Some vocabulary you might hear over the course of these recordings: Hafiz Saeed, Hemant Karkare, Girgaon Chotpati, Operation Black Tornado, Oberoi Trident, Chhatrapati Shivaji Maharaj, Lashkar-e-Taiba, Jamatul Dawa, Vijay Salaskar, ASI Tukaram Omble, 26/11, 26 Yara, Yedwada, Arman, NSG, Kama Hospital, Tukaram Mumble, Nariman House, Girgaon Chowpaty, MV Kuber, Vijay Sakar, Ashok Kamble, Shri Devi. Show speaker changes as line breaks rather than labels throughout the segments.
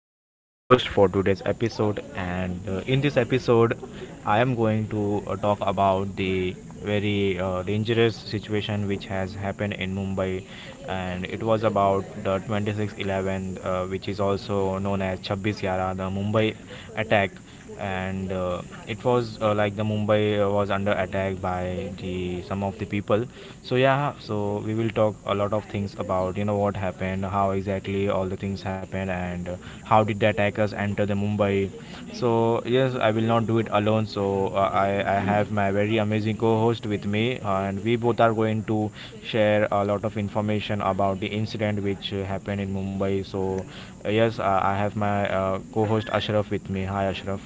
Arman, the host for today's episode, and in this episode, I am going to talk about the very dangerous situation which has happened in Mumbai. And it was about the 26/11, which is also known as 26 Yara, the Mumbai attack. And it was like the mumbai was under attack by the some of the people. So yeah, so we will talk a lot of things about what happened, how exactly all the things happened, and how did the attackers enter the mumbai. So yes, I will not do it alone, so I have my very amazing co-host with me, and we both are going to share a lot of information about the incident which happened in mumbai. So yes, I have my co-host Ashraf with me. Hi Ashraf.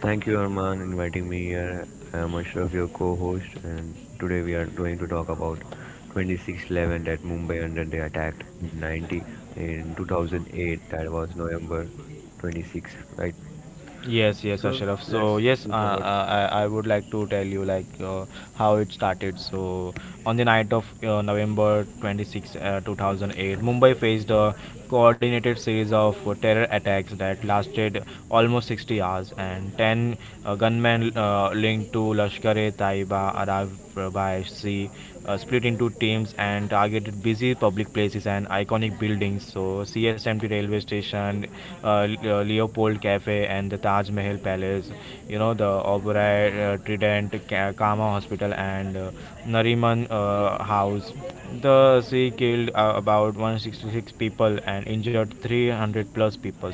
Thank you, Arman, inviting me here. I am Ashraf, your co-host, and today we are going to talk about 26/11 that Mumbai under the attack in 2008. That was November 26th, right?
Yes, yes,
So
Ashraf. So
let's
yes, uh,
move forward.
uh, I, I would like to tell you, like, how it started. So on the night of November 26, 2008, Mumbai faced a coordinated series of terror attacks that lasted almost 60 hours, and 10 gunmen linked to Lashkar-e-Taiba arrived by sea, split into teams and targeted busy public places and iconic buildings. So CSMT railway station, uh, Leopold Cafe, and the Taj Mahal Palace. You know, the Oberoi Trident, Kama Hospital, and Nariman House. The sea killed about 166 people and injured 300 plus people,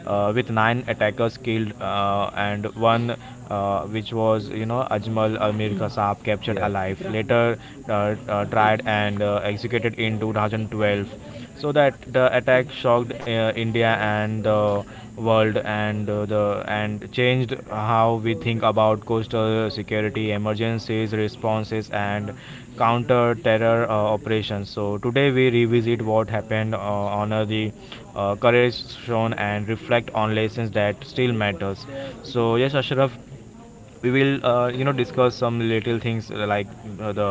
with nine attackers killed and one which was, you know, Ajmal Amir Kasab, captured
Yeah.
alive, later uh, tried and executed in 2012. So that the attack shocked India and the world, and the and changed how we think about coastal security, emergencies, responses, and counter terror operations. So today we revisit what happened, honor the courage shown, and reflect on lessons that still matters. So yes, Ashraf, we will discuss some little things, like the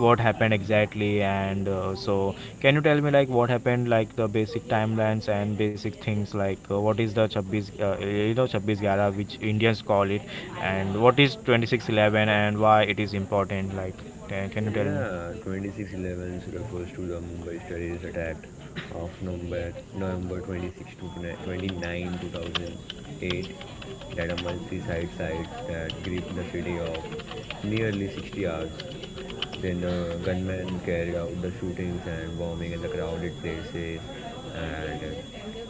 what happened exactly, and so can you tell me, like, what happened, like the basic timelines and basic things, like what is the 26 26 gara which indians call it, and what is 2611 and why it is important, like can you tell me?
Yeah, 2611 refers to the Mumbai terrorist attack of November 26 to 29, 2008 that are multi-site sites that gripped the city of nearly 60 hours. Then the gunman carried out the shootings and bombing in the crowded places and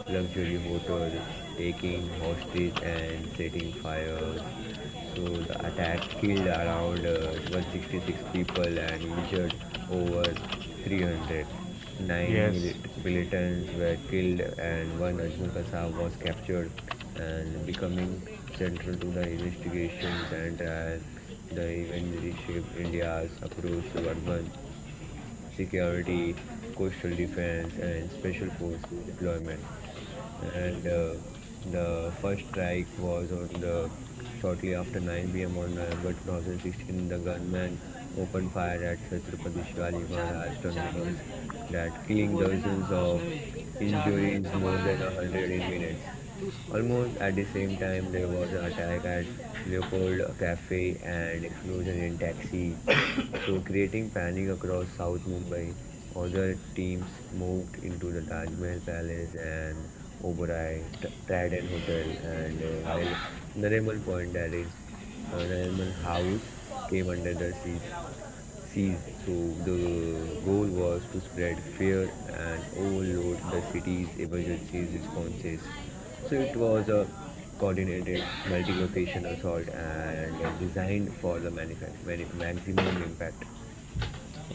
luxury hotel, taking hostages and setting fires so the attack killed around 166 people and injured over 300. Nine
Yes.
milit- militants were killed and one Ajmal Kasab was captured and becoming central to the investigations and trial. The event reshaped India's approach to urban security, coastal defense and special forces deployment. And the first strike was on the shortly after 9 p.m. on November 2016. The gunman opened fire at Chhatrapati Shivaji Maharaj terminals, that killing dozens of injuries more than a hundred in minutes. Almost at the same time, there was an attack at Leopold Cafe and explosion in taxi, so creating panic across South Mumbai. Other teams moved into the Taj Mahal Palace and Oberoi Trident Hotel, and while Nariman Point, that is Nariman House, came under the siege seas. So the goal was to spread fear and overload the city's emergency responses. So it was a coordinated multi-location assault and designed for the maximum impact.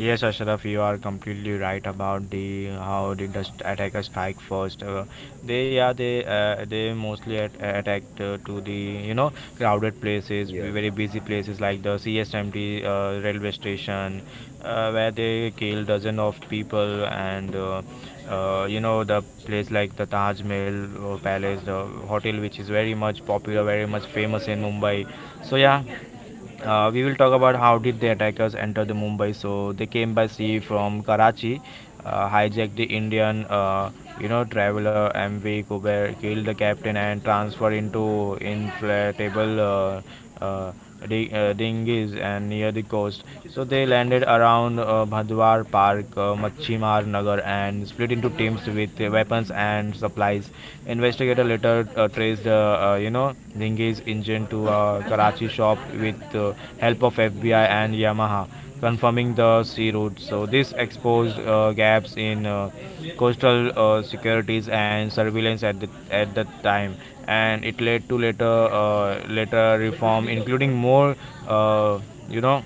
Yes, Ashraf, you are completely right about the how the dust attackers strike first. They yeah they mostly attacked to the, you know, crowded places,
Yeah,
very busy places like the CSMT railway station, where they kill dozen of people. And. You know, the place like the Taj Mahal Palace, the hotel which is very much popular, very much famous in Mumbai. So yeah, we will talk about how did the attackers enter the mumbai. So they came by sea from karachi, hijacked the indian traveler MV Kuber, killed the captain and transferred into inflatable dinghies and near the coast. So they landed around bhadwar park, machimar nagar and split into teams with weapons and supplies. Investigator later traced, Dhingi's engine to a Karachi shop with help of FBI and Yamaha, confirming the sea route. So this exposed gaps in coastal securities and surveillance at the time, and it led to later reform, including more, uh, you know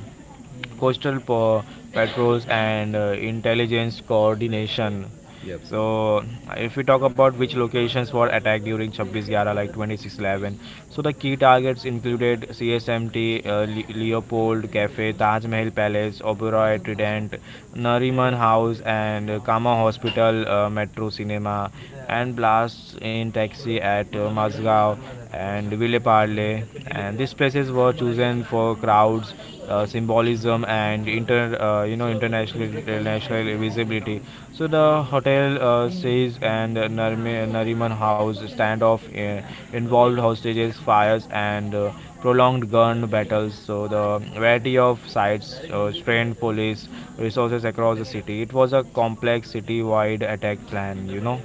coastal patrols and intelligence coordination.
yep.
So, if we talk about which locations were attacked during 26/11, like 26 11, so the key targets included CSMT, Leopold Cafe, Taj Mahal Palace, Oberoi Trident, Nariman House, and Kama Hospital, Metro Cinema, and blasts in taxi at Mazgaon and Ville Parle. And these places were chosen for crowds, symbolism, and international visibility. So the hotel stays and Nariman House standoff involved hostages, fires, and prolonged gun battles. So the variety of sites strained police resources across the city. It was a complex city-wide attack plan.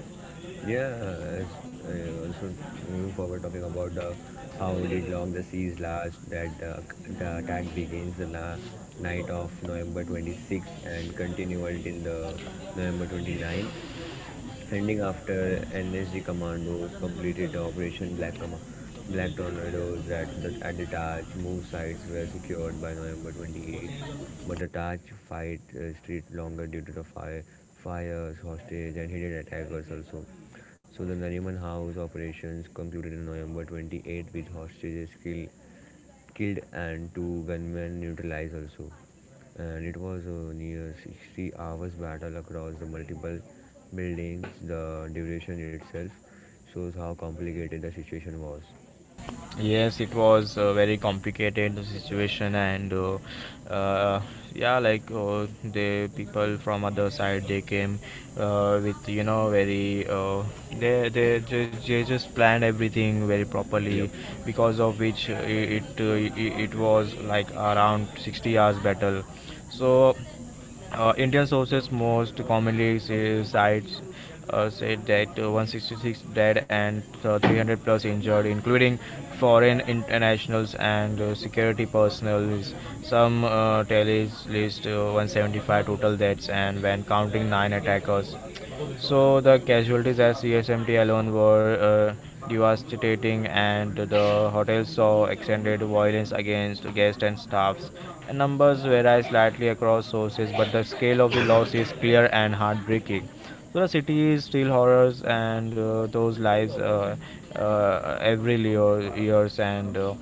Yeah, as also moving forward, talking about the how did long the siege last, that the attack begins the night of November 26 and continued till the November 29. Ending after NSG commandos completed the Operation Black Tornadoes that at the Taj move sites were secured by November 28, but the Taj fight stretched longer due to the fires, hostage, and hidden attackers also. So the Nariman House operations concluded in November 28 with hostages killed and two gunmen neutralized also. And it was a near 60 hours battle across the multiple buildings. The duration itself shows how complicated the situation was.
Yes, it was a very complicated the situation, and uh, yeah, like the people from other side they came with, you know, very they just planned everything very
Yep.
properly, because of which it was like around 60 hours battle, so. Indian sources most commonly say, sites said that 166 dead and 300 plus injured, including foreign internationals and security personnel. Some tallies list 175 total deaths, and when counting nine attackers. So the casualties at CSMT alone were devastating, and the hotel saw extended violence against guests and staffs. The numbers vary slightly across sources, but the scale of the loss is clear and heartbreaking. So the city is still horrors, and those lives every year, years and.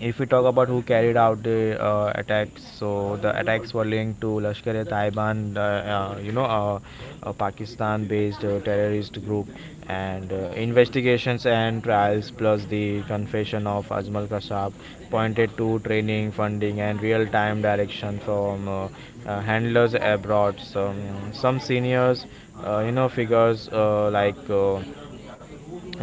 If we talk about who carried out the attacks, so the attacks were linked to Lashkar-e-Taiban, the a Pakistan-based terrorist group, and investigations and trials, plus the confession of Ajmal Kasab, pointed to training, funding, and real-time direction from handlers abroad. Some seniors, figures like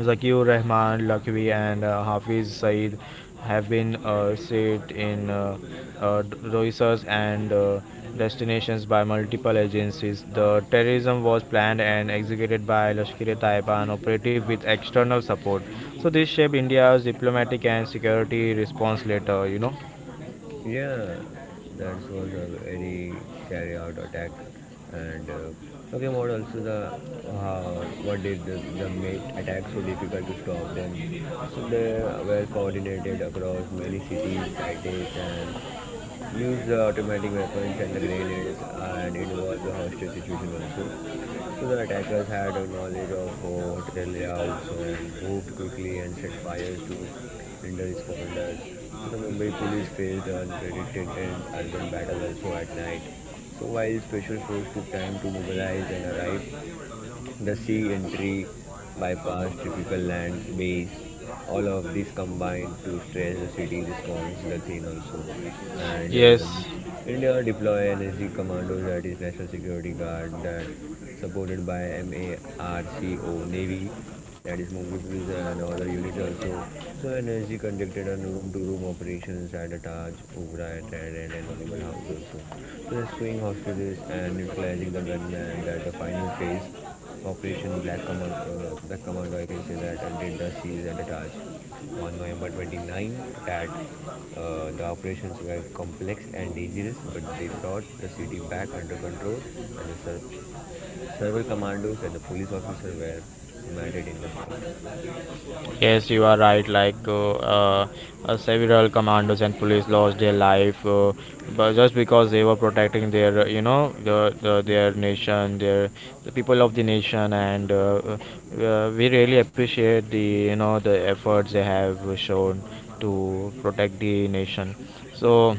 Zakir Rahman Lakvi and Hafiz Saeed have been set in research and destinations by multiple agencies. The terrorism was planned and executed by Lashkar-e-Taiba, an operative with external support. So this shaped India's diplomatic and security response later.
Yeah, that was a very carry out attack. And talking about also the how what did the mate attack so difficult to stop them. So they were coordinated across many cities, and used the automatic weapons and the grenades, and involved the hostage situation also. So the attackers had a knowledge of hotel layouts and moved quickly and set fires to hinder responders. So the Mumbai police faced an unprecedented urban battle also at night. So while special force took time to mobilize and arrive, the sea entry, bypass, typical land based, all of these combined to stress the city response, the thing also. And
Yes.
um India deploy NSG commandos that is National Security Guard that supported by MARCO Navy that is Mumbai Police and other units also. So NSG conducted on room-to-room operations at the Taj, Ubra, Trident and Animal House also. So rescuing hostages and neutralizing the gunman that the final phase. Operation Black Command, Black Commando, I can say that, and did the siege and the Taj on November 29. That The operations were complex and dangerous, but they brought the city back under control, and the several commandos and the police officer were murdered in the fight.
Yes, you are right. Like several commandos and police lost their life, but just because they were protecting their, the their nation, their the people of the nation, and we really appreciate the, the efforts they have shown to protect the nation. So.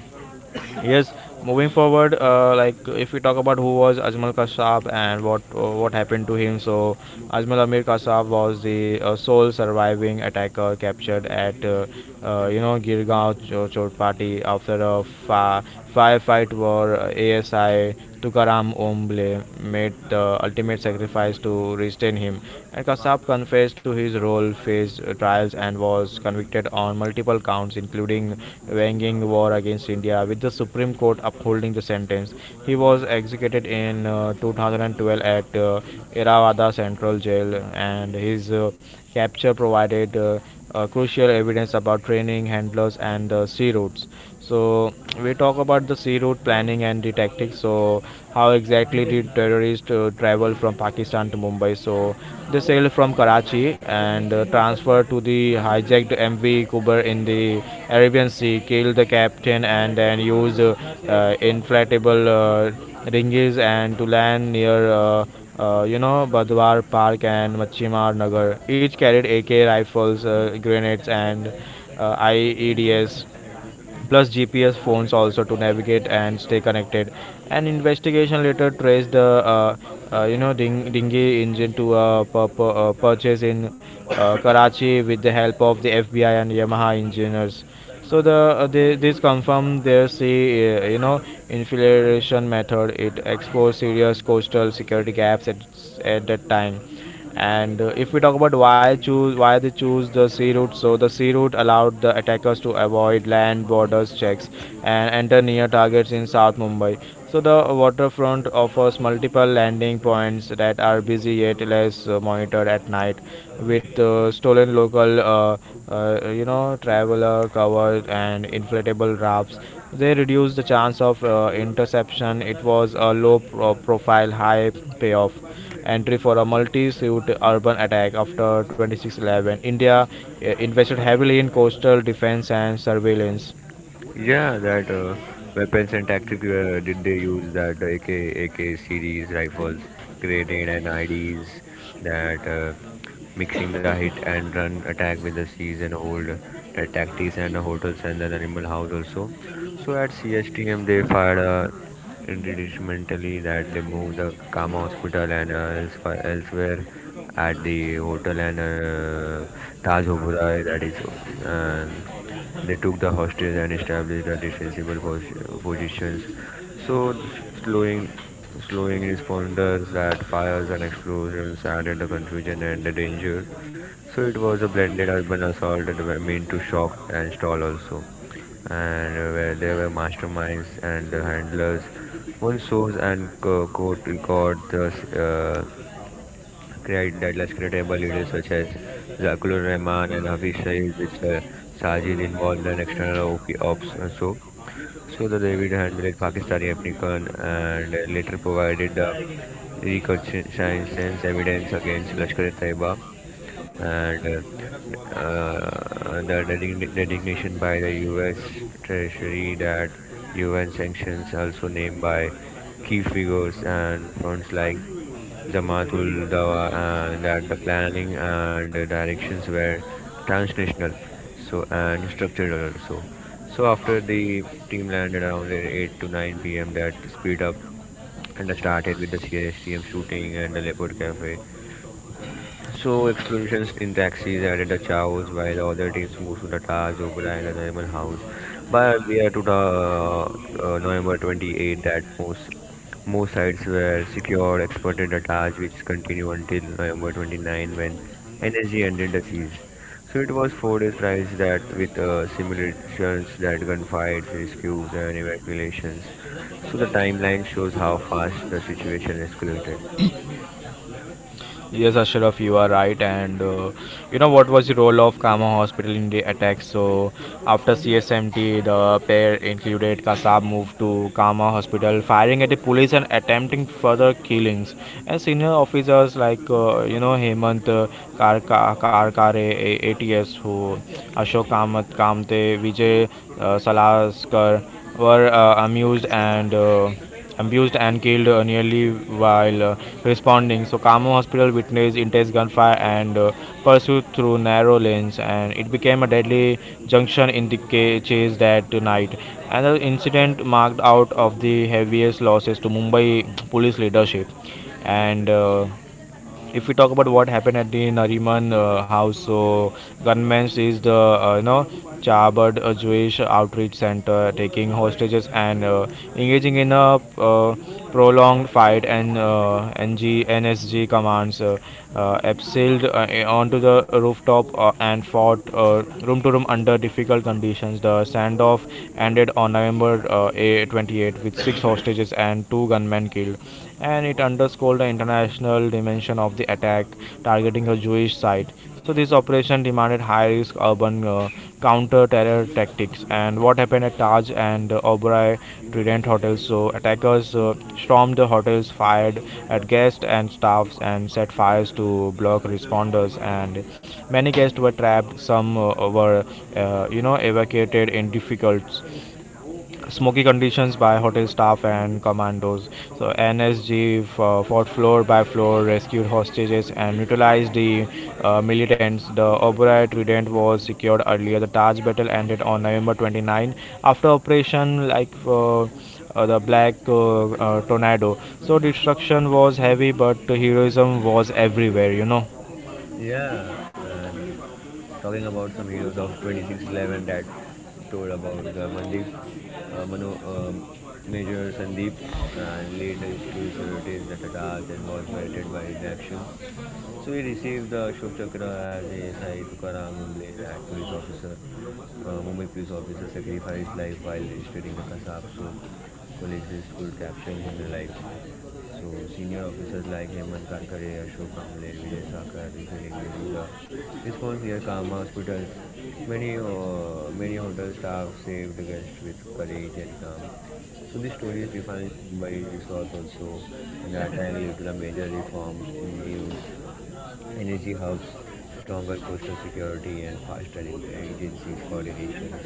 Yes, moving forward, like if we talk about who was Ajmal Kasab and what happened to him, so Ajmal Amir Kasab was the sole surviving attacker captured at Girgaon Chotpati after a firefight where ASI Tukaram Omble made the ultimate sacrifice to restrain him. And Kasap confessed to his role, faced trials, and was convicted on multiple counts, including waging war against India, with the Supreme Court upholding the sentence. He was executed in 2012 at Theravada Central Jail, and his capture provided crucial evidence about training, handlers, and the sea routes. So we talk about the sea route planning and the tactics. So how exactly did terrorists travel from Pakistan to Mumbai? So they sailed from Karachi and transferred to the hijacked MV Kuber in the Arabian Sea, killed the captain, and then used inflatable dinghies and to land near. Badwar Park and Machimar Nagar. Each carried AK rifles, grenades, and IEDs plus GPS phones also to navigate and stay connected. An investigation later traced the uh, dinghy engine to a purchase in Karachi with the help of the FBI and Yamaha engineers. So the this confirmed their sea infiltration method. It exposed serious coastal security gaps at that time, and if we talk about why they choose the sea route, so the sea route allowed the attackers to avoid land borders checks and enter near targets in South Mumbai. So the waterfront offers multiple landing points that are busy yet less monitored at night, with stolen local, traveler covered and inflatable rafts. They reduce the chance of interception. It was a low profile, high payoff entry for a multi-suit urban attack after 2611. India invested heavily in coastal defense and surveillance.
Yeah, that weapons and tactical did they use that AK series rifles, grenade and IDs that mixing the hit and run attack with the seize and hold the tactics and the hotels and the animal house also. So at CSTM they fired indeterminately that they moved the Kama hospital and elsewhere at the hotel and Taj Obura that is uh, they took the hostage and established the defensible positions, so the slowing responders that fires and explosions added the confusion and the danger. So it was a blended urban assault that were meant to shock and stall also, and where there were masterminds and the handlers. One source and court record the Great, that let's create able leaders such as Zakulur Rahman and Hafiz Saeed with Sajid involved and external OP ops also. So the David handled Pakistani African and later provided the reconciliation evidence against Lashkar-e-Taiba. And the designation by the U.S. Treasury that UN sanctions also named by key figures and funds like Jamatul Dawa and that the planning and the directions were transnational so and structural also. So after the team landed around 8 to 9 p.m. that speed up and started with the CSTM shooting and the Leopard Cafe so explosions in taxis added the chaos while the other teams moved to the Taj, Ogra and the Naiman House. By earlier to the November 28 that most sites were secured, exported the Taj which continued until November 29 when NSG ended the siege. So it was 4 days prior that with simulations that gunfights, rescues and evacuations. So the timeline shows how fast the situation escalated.
Yes, Ashraf, you are right. And what was the role of Kama Hospital in the attack? So after CSMT, the pair included Kasab moved to Kama Hospital, firing at the police and attempting further killings. And senior officers like Hemant Karkare, ATS, who Ashok Kamat Kamte, Vijay Salaskar were amused and. Abused and killed nearly while responding. So Kamo Hospital witnessed intense gunfire and pursuit through narrow lanes, and it became a deadly junction in the chase that night. Another incident marked out of the heaviest losses to Mumbai police leadership, and. If we talk about what happened at the Nariman house, so gunmen seized the Chabad Jewish outreach center, taking hostages and engaging in a prolonged fight. And NG commands abseiled onto the rooftop and fought room to room under difficult conditions. The standoff ended on November 28th, with six hostages and two gunmen killed, and it underscored the international dimension of the attack, targeting a Jewish site. So this operation demanded high-risk urban counter-terror tactics. And what happened at Taj and Oberoi Trident hotels? So attackers stormed the hotels, fired at guests and staffs, and set fires to block responders. And many guests were trapped. Some were evacuated in difficult smoky conditions by hotel staff and commandos. So NSG fought floor by floor, rescued hostages, and neutralized the militants. The Oberoi Trident was secured earlier. The Taj battle ended on November 29 after Operation, like. The black tornado. So destruction was heavy but heroism was everywhere.
Yeah, and talking about some heroes of 2611 that told about the Mandeeps, Manu, Major Sandeep, and lead rescue sorties the Tatars and was melted by inaction. So he received the Ashok Chakra as ASI Tukaram Mumble, that police officer, Mumbai police officer sacrificed his life while restraining the Kasab so colleagues could capture him alive. So senior officers like Hemant Karkare, Ashok Kamble, Vijay Sakar refilling during the response near Kama hospitals. Many hotel staff saved guests with courage and calm. So these stories define Mumbai's resolve also, and the attack led to the major reforms in New Delhi. Energy hubs, stronger coastal security, and faster in agencies coordinations.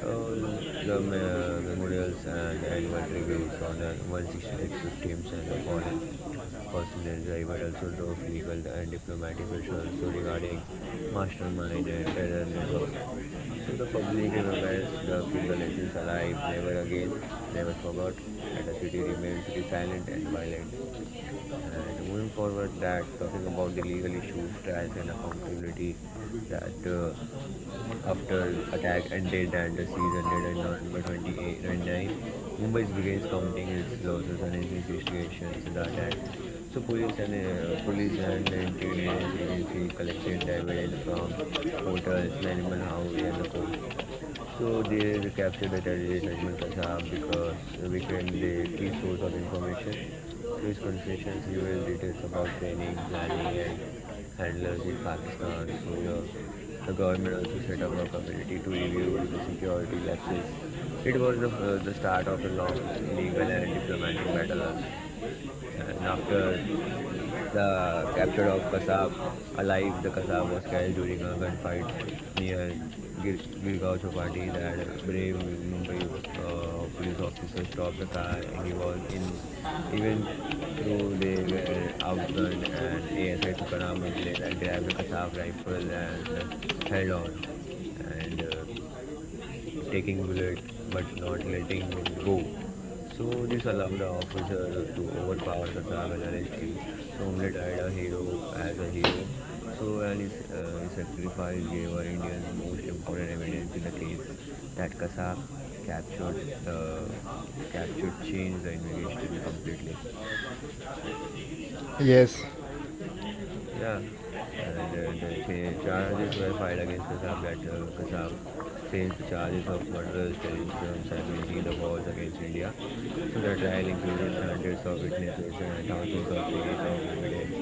The memorials and annual tributes honor 166 victims and the fallen Personal driver also drove legal and diplomatic pressures so regarding mastermind and terror network. So the public remembers the keep lessons alive, never again, never forgot, and the city remains resilient and violent. And moving forward, that talking about the legal issues, trials, and accountability, that after the attack ended and the siege ended on November 29, Mumbai begins counting its losses and investigations in the attack. So police and the intelligence agency collected evidence from hotels, and animal house, and the coast. So they captured the terrorist Ajmal Kasab because he became the key source of information. So his confessions reveal details about training, planning, and handlers in Pakistan. So the government also set up a committee to review the security lapses. It was the start of a long legal and diplomatic battle also. And after the capture of Kasab alive, the Kasab was killed during a gunfight near Gir- Girgaon Chowpaty. That brave Mumbai police officer stopped the car. He was in, even through they were outgunned, and ASI Tukaram Mumble and grabbed the Kasab rifle and held on. And taking bullet but not letting it go. So this allowed the officer to overpower Kasab and arrest him. So Umle died a hero as a hero. So and his sacrifice gave our Indians most important evidence in the case that Kasab captured the captured changed the investigation completely.
Yes.
Yeah, and the charges were filed against Kassab that Kassab faced the charges of murderous terrorism and making the wars against India. So the trial included hundreds of witnesses and thousands of pages of evidence.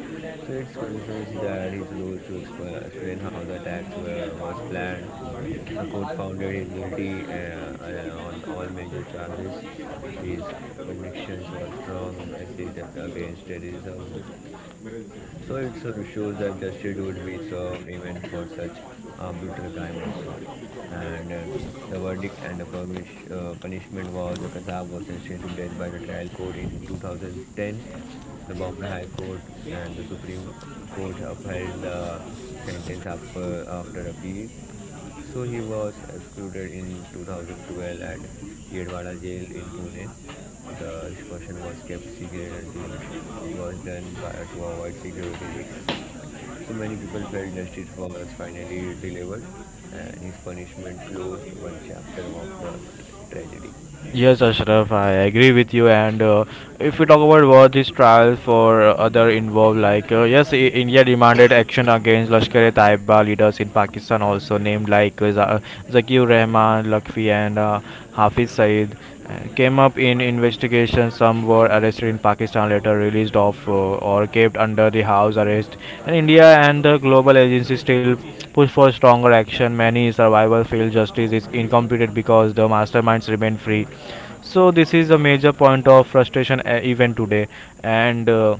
So it's convinced that his rose to explain how the attacks was planned. The court found that he is guilty on all major charges. His convictions were strong message against terrorism so it sort of shows that justice would be served even for such a brutal crime also. And the verdict and the punishment was the Kassab was sentenced to death by the trial court in 2010. The Bombay High Court and the Supreme Court upheld the sentence after appeal. So he was excluded in 2012 at Yedwada jail in Pune. The expulsion was kept secret until it, was done by, to avoid security risks. So many people felt justice was finally delivered and his punishment closed one chapter of the tragedy.
Yes, Ashraf, I agree with you. And if we talk about war, these trials for other involved, like yes, India demanded action against Lashkar-e-Taiba leaders in Pakistan, also named like Zakir Rahman, Lakfi, and Hafiz Saeed, came up in investigation. Some were arrested in Pakistan, later released off or kept under the house arrest. And India and the global agency still push for stronger action. Many survivors people justice is incomplete because the masterminds remain free. So this is a major point of frustration even today. And uh,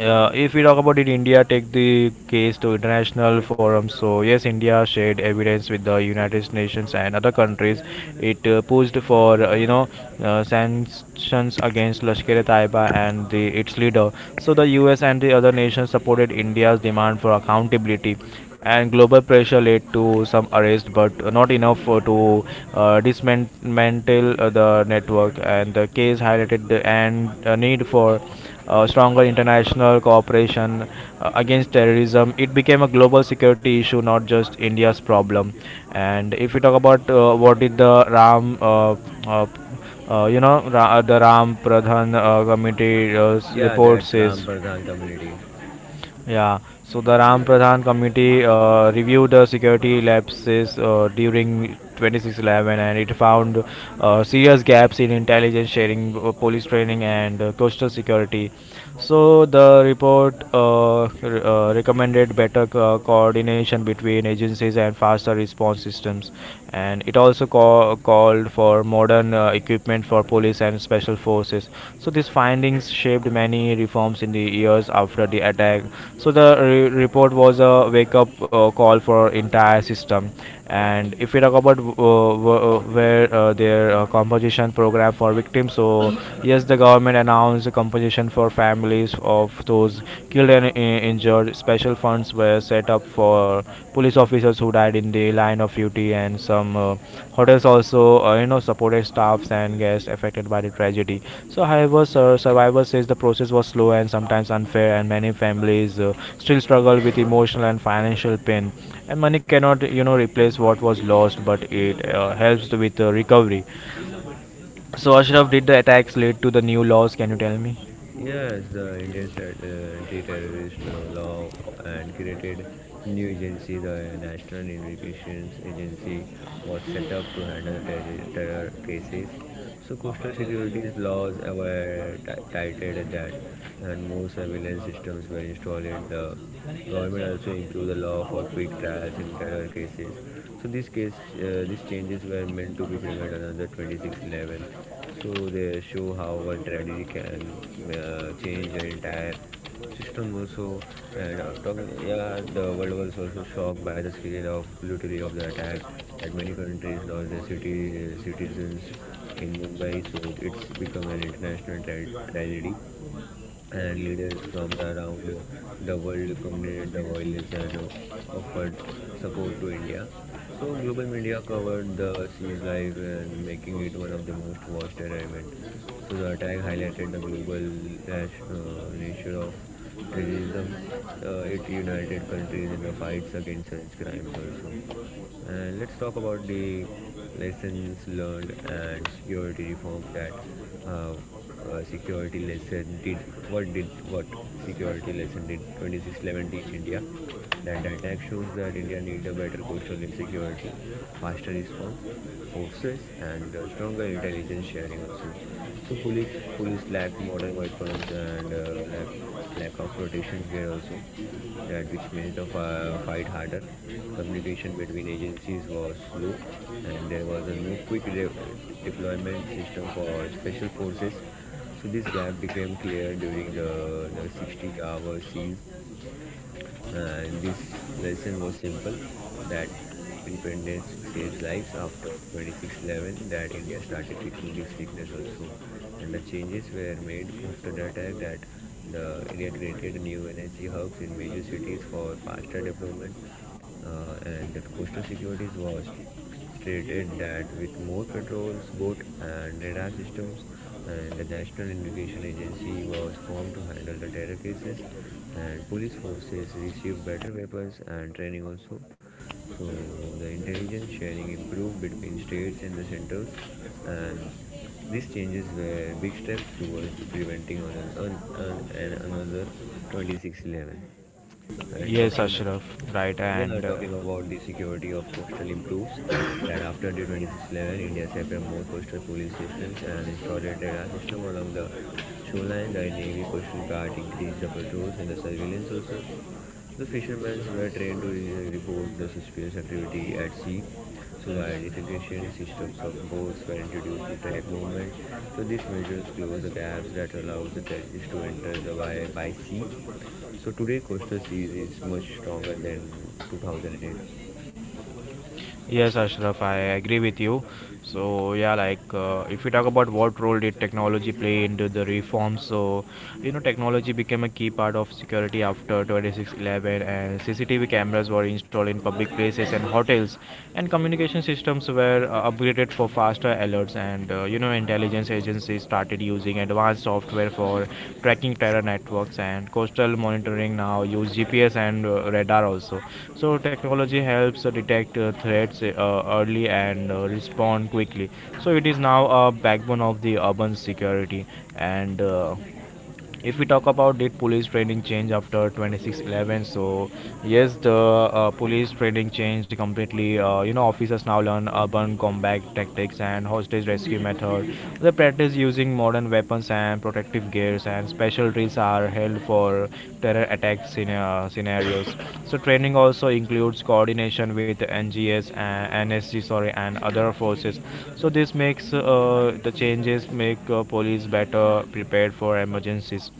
uh, if we talk about it, India take the case to international forum. So yes, India shared evidence with the United Nations and other countries. It pushed for sanctions against Lashkar-e-Taiba and the, its leader. So the U.S. and the other nations supported India's demand for accountability instability, and global pressure led to some arrest, but not enough to dismantle the network. And the case highlighted the and need for stronger international cooperation against terrorism. It became a global security issue, not just India's problem. And if we talk about what did the Ram uh, you know, Ra- the Ram Pradhan Committee
Yeah,
report
that's
says.
Ram Pradhan community.
Yeah, so the Ram Pradhan committee reviewed the security lapses during 2611 and it found serious gaps in intelligence sharing, police training, and coastal security. So the report recommended better coordination between agencies and faster response systems, and it also called for modern equipment for police and special forces. So these findings shaped many reforms in the years after the attack. So the report was a wake-up call for entire system. And if we talk about where their compensation program for victims, so yes, the government announced a compensation for families of those killed and injured. Special funds were set up for police officers who died in the line of duty, and some hotels also, supported staffs and guests affected by the tragedy. So, however, survivors says the process was slow and sometimes unfair, and many families still struggle with emotional and financial pain. And money cannot, you know, replace what was lost, but it helps with recovery. So, Ashraf, did the attacks lead to the new laws? Can you tell me?
Yes, the Indian anti-terrorist law and created new agency, the National Investigations Agency, was set up to handle terror cases. So coastal securities laws were tightened that and more surveillance systems were installed. The government also improved the law for quick trials in terror cases. So these changes were meant to be prevent another 2611. So they show how one tragedy can change an entire system also. And yeah, the world was also shocked by the scale of brutality of the attack. That many countries lost their city citizens in Mumbai, so it's become an international tragedy, and leaders from around the world condemned the violence and offered support to India. So global media covered the siege live and making it one of the most watched terror event. So the attack highlighted the global nature of terrorism. It united countries in the fights against such crimes also. Let's talk about the lessons learned and security reform. That uh, security lesson did what security lesson did 26/11 teach India? That attack shows that India need a better coastal security, faster response forces, and stronger intelligence sharing also. So police lack modern weapons, and lack of protections gear also, that which made the fight harder. Communication between agencies was slow, and there was a no quick deployment system for special forces. So this gap became clear during the 60-hour siege. Uh, and this lesson was simple, that preparedness saves lives. After 26/11, that India started fixing this weakness also, and the changes were made after the attack, that the India created new energy hubs in major cities for faster development. And that coastal securities was stated, that with more patrols, boat and radar systems, and the National Investigation Agency was formed to handle the terror cases, and police forces received better weapons and training also. So the intelligence sharing improved between states and the centers, and these changes were big steps towards preventing on, an another 26/11. And
Yes,
talking
Ashraf. Right, and
Yeah, talking about the security of coastal improves, that after the 26/11, India set up more coastal police systems and installed a radar system along the shoreline. The Navy Coastal Guard increased the patrols and the surveillance also. The fishermen were trained to report the suspicious activity at sea. So the identification systems of boats were introduced to track movement. So these measures close the gaps that allows the terrorists to enter the by sea, so today Coastal Seas is much stronger than 2008.
yes, Ashraf, I agree with you. So yeah, like if we talk about what role did technology play into the reform, so you know technology became a key part of security after 2611, and CCTV cameras were installed in public places and hotels, and communication systems were upgraded for faster alerts, and you know intelligence agencies started using advanced software for tracking terror networks, and coastal monitoring now use GPS and radar also. So technology helps detect threats early and respond quickly. So it is now a backbone of the urban security. And if we talk about did police training change after 2611, so yes, the police training changed completely. You know, officers now learn urban combat tactics and hostage rescue method. They practice using modern weapons and protective gears, and special drills are held for terror attack scenarios. So training also includes coordination with NGS and NSG sorry and other forces. So this makes the changes make police better prepared for emergencies.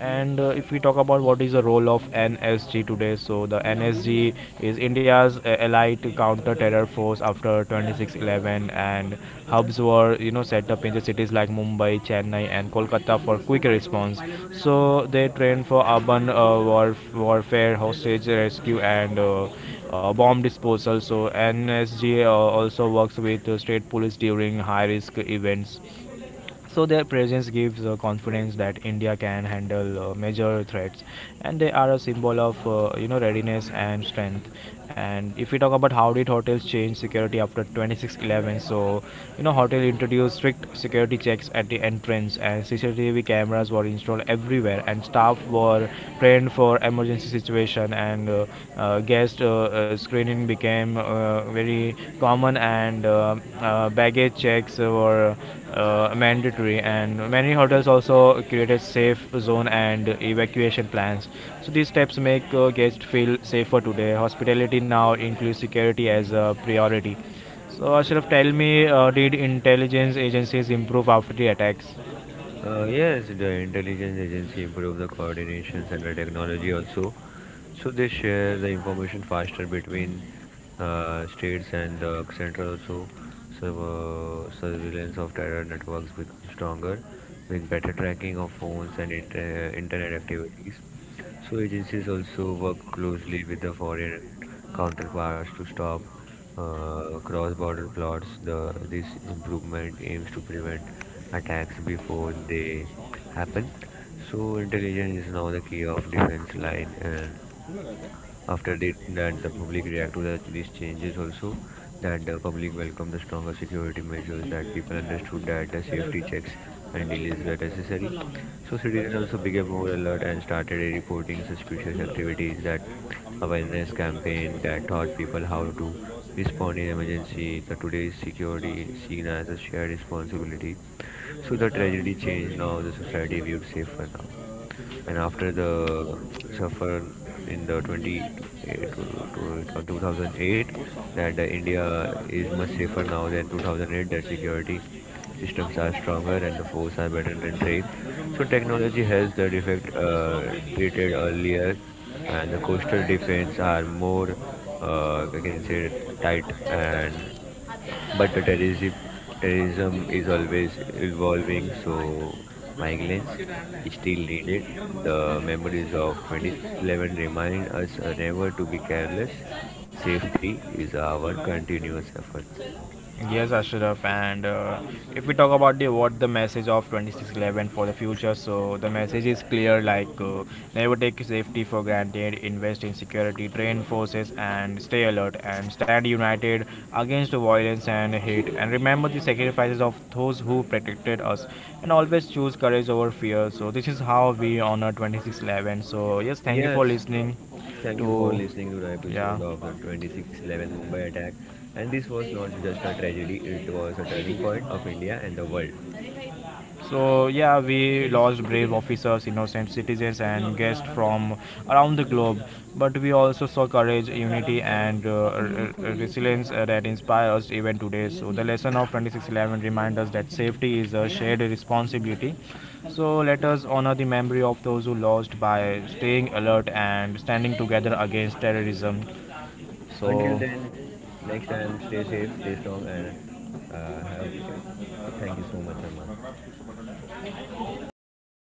And if we talk about what is the role of NSG today, so the NSG is India's allied counter-terror force after 26/11, and hubs were you know set up in the cities like Mumbai, Chennai, and Kolkata for quick response. So they train for urban warfare, hostage rescue, and bomb disposal. So NSG also works with state police during high-risk events. So their presence gives confidence that India can handle major threats, and they are a symbol of you know readiness and strength. And if we talk about how did hotels change security after 2611, so you know hotel introduced strict security checks at the entrance, and CCTV cameras were in installed everywhere, and staff were trained for emergency situation. And guest screening became very common, and baggage checks were mandatory. And many hotels also created safe zone and evacuation plans. So these steps make guests feel safer today. Hospitality now includes security as a priority. So Ashraf, tell me, did intelligence agencies improve after the attacks?
Yes, the intelligence agency improved the coordinations and the technology also. So they share the information faster between states and the central also. So surveillance of terror networks become stronger with better tracking of phones and internet activities. So agencies also work closely with the foreign counterparts to stop cross-border plots. This improvement aims to prevent attacks before they happen. So intelligence is now the key of defense line, and that the public react to these changes also, that the public welcomed the stronger security measures, that people understood that the safety checks and delays were necessary. So citizens also became more alert and started reporting suspicious activities, that awareness campaign that taught people how to respond in emergency, the today's security seen as a shared responsibility. So the tragedy changed, now the society viewed safer now. And after the suffer in the 20 eh, to- to- to 2008, that India is much safer now than 2008, that security systems are stronger and the force are better than trained. So technology helps the defect treated earlier, and the coastal defense are more, I can say, tight. And but the terrorism is always evolving, so migrants still needed. The memories of 2011 remind us never to be careless. Safety is our continuous effort.
Yes, Ashraf. And if we talk about the what the message of 2611 for the future, so the message is clear like never take safety for granted, invest in security, train forces, and stay alert and stand united against violence and hate. And remember the sacrifices of those who protected us, and always choose courage over fear. So this is how we honor 2611. So yes, thank you for
Yes,
listening.
thank you
To
for listening to the episode
yeah.
of the 26/11 Mumbai attack. And this was not just a tragedy, it was a turning point of India and the world.
So yeah, we lost brave officers, innocent citizens, and guests from around the globe. But we also saw courage, unity, and resilience that inspire us even today. So the lesson of 2611 reminds us that safety is a shared responsibility. So let us honor the memory of those who lost by staying alert and standing together against terrorism. So
Until then, next time, stay safe, stay strong, and have. Thank you so much, Arman.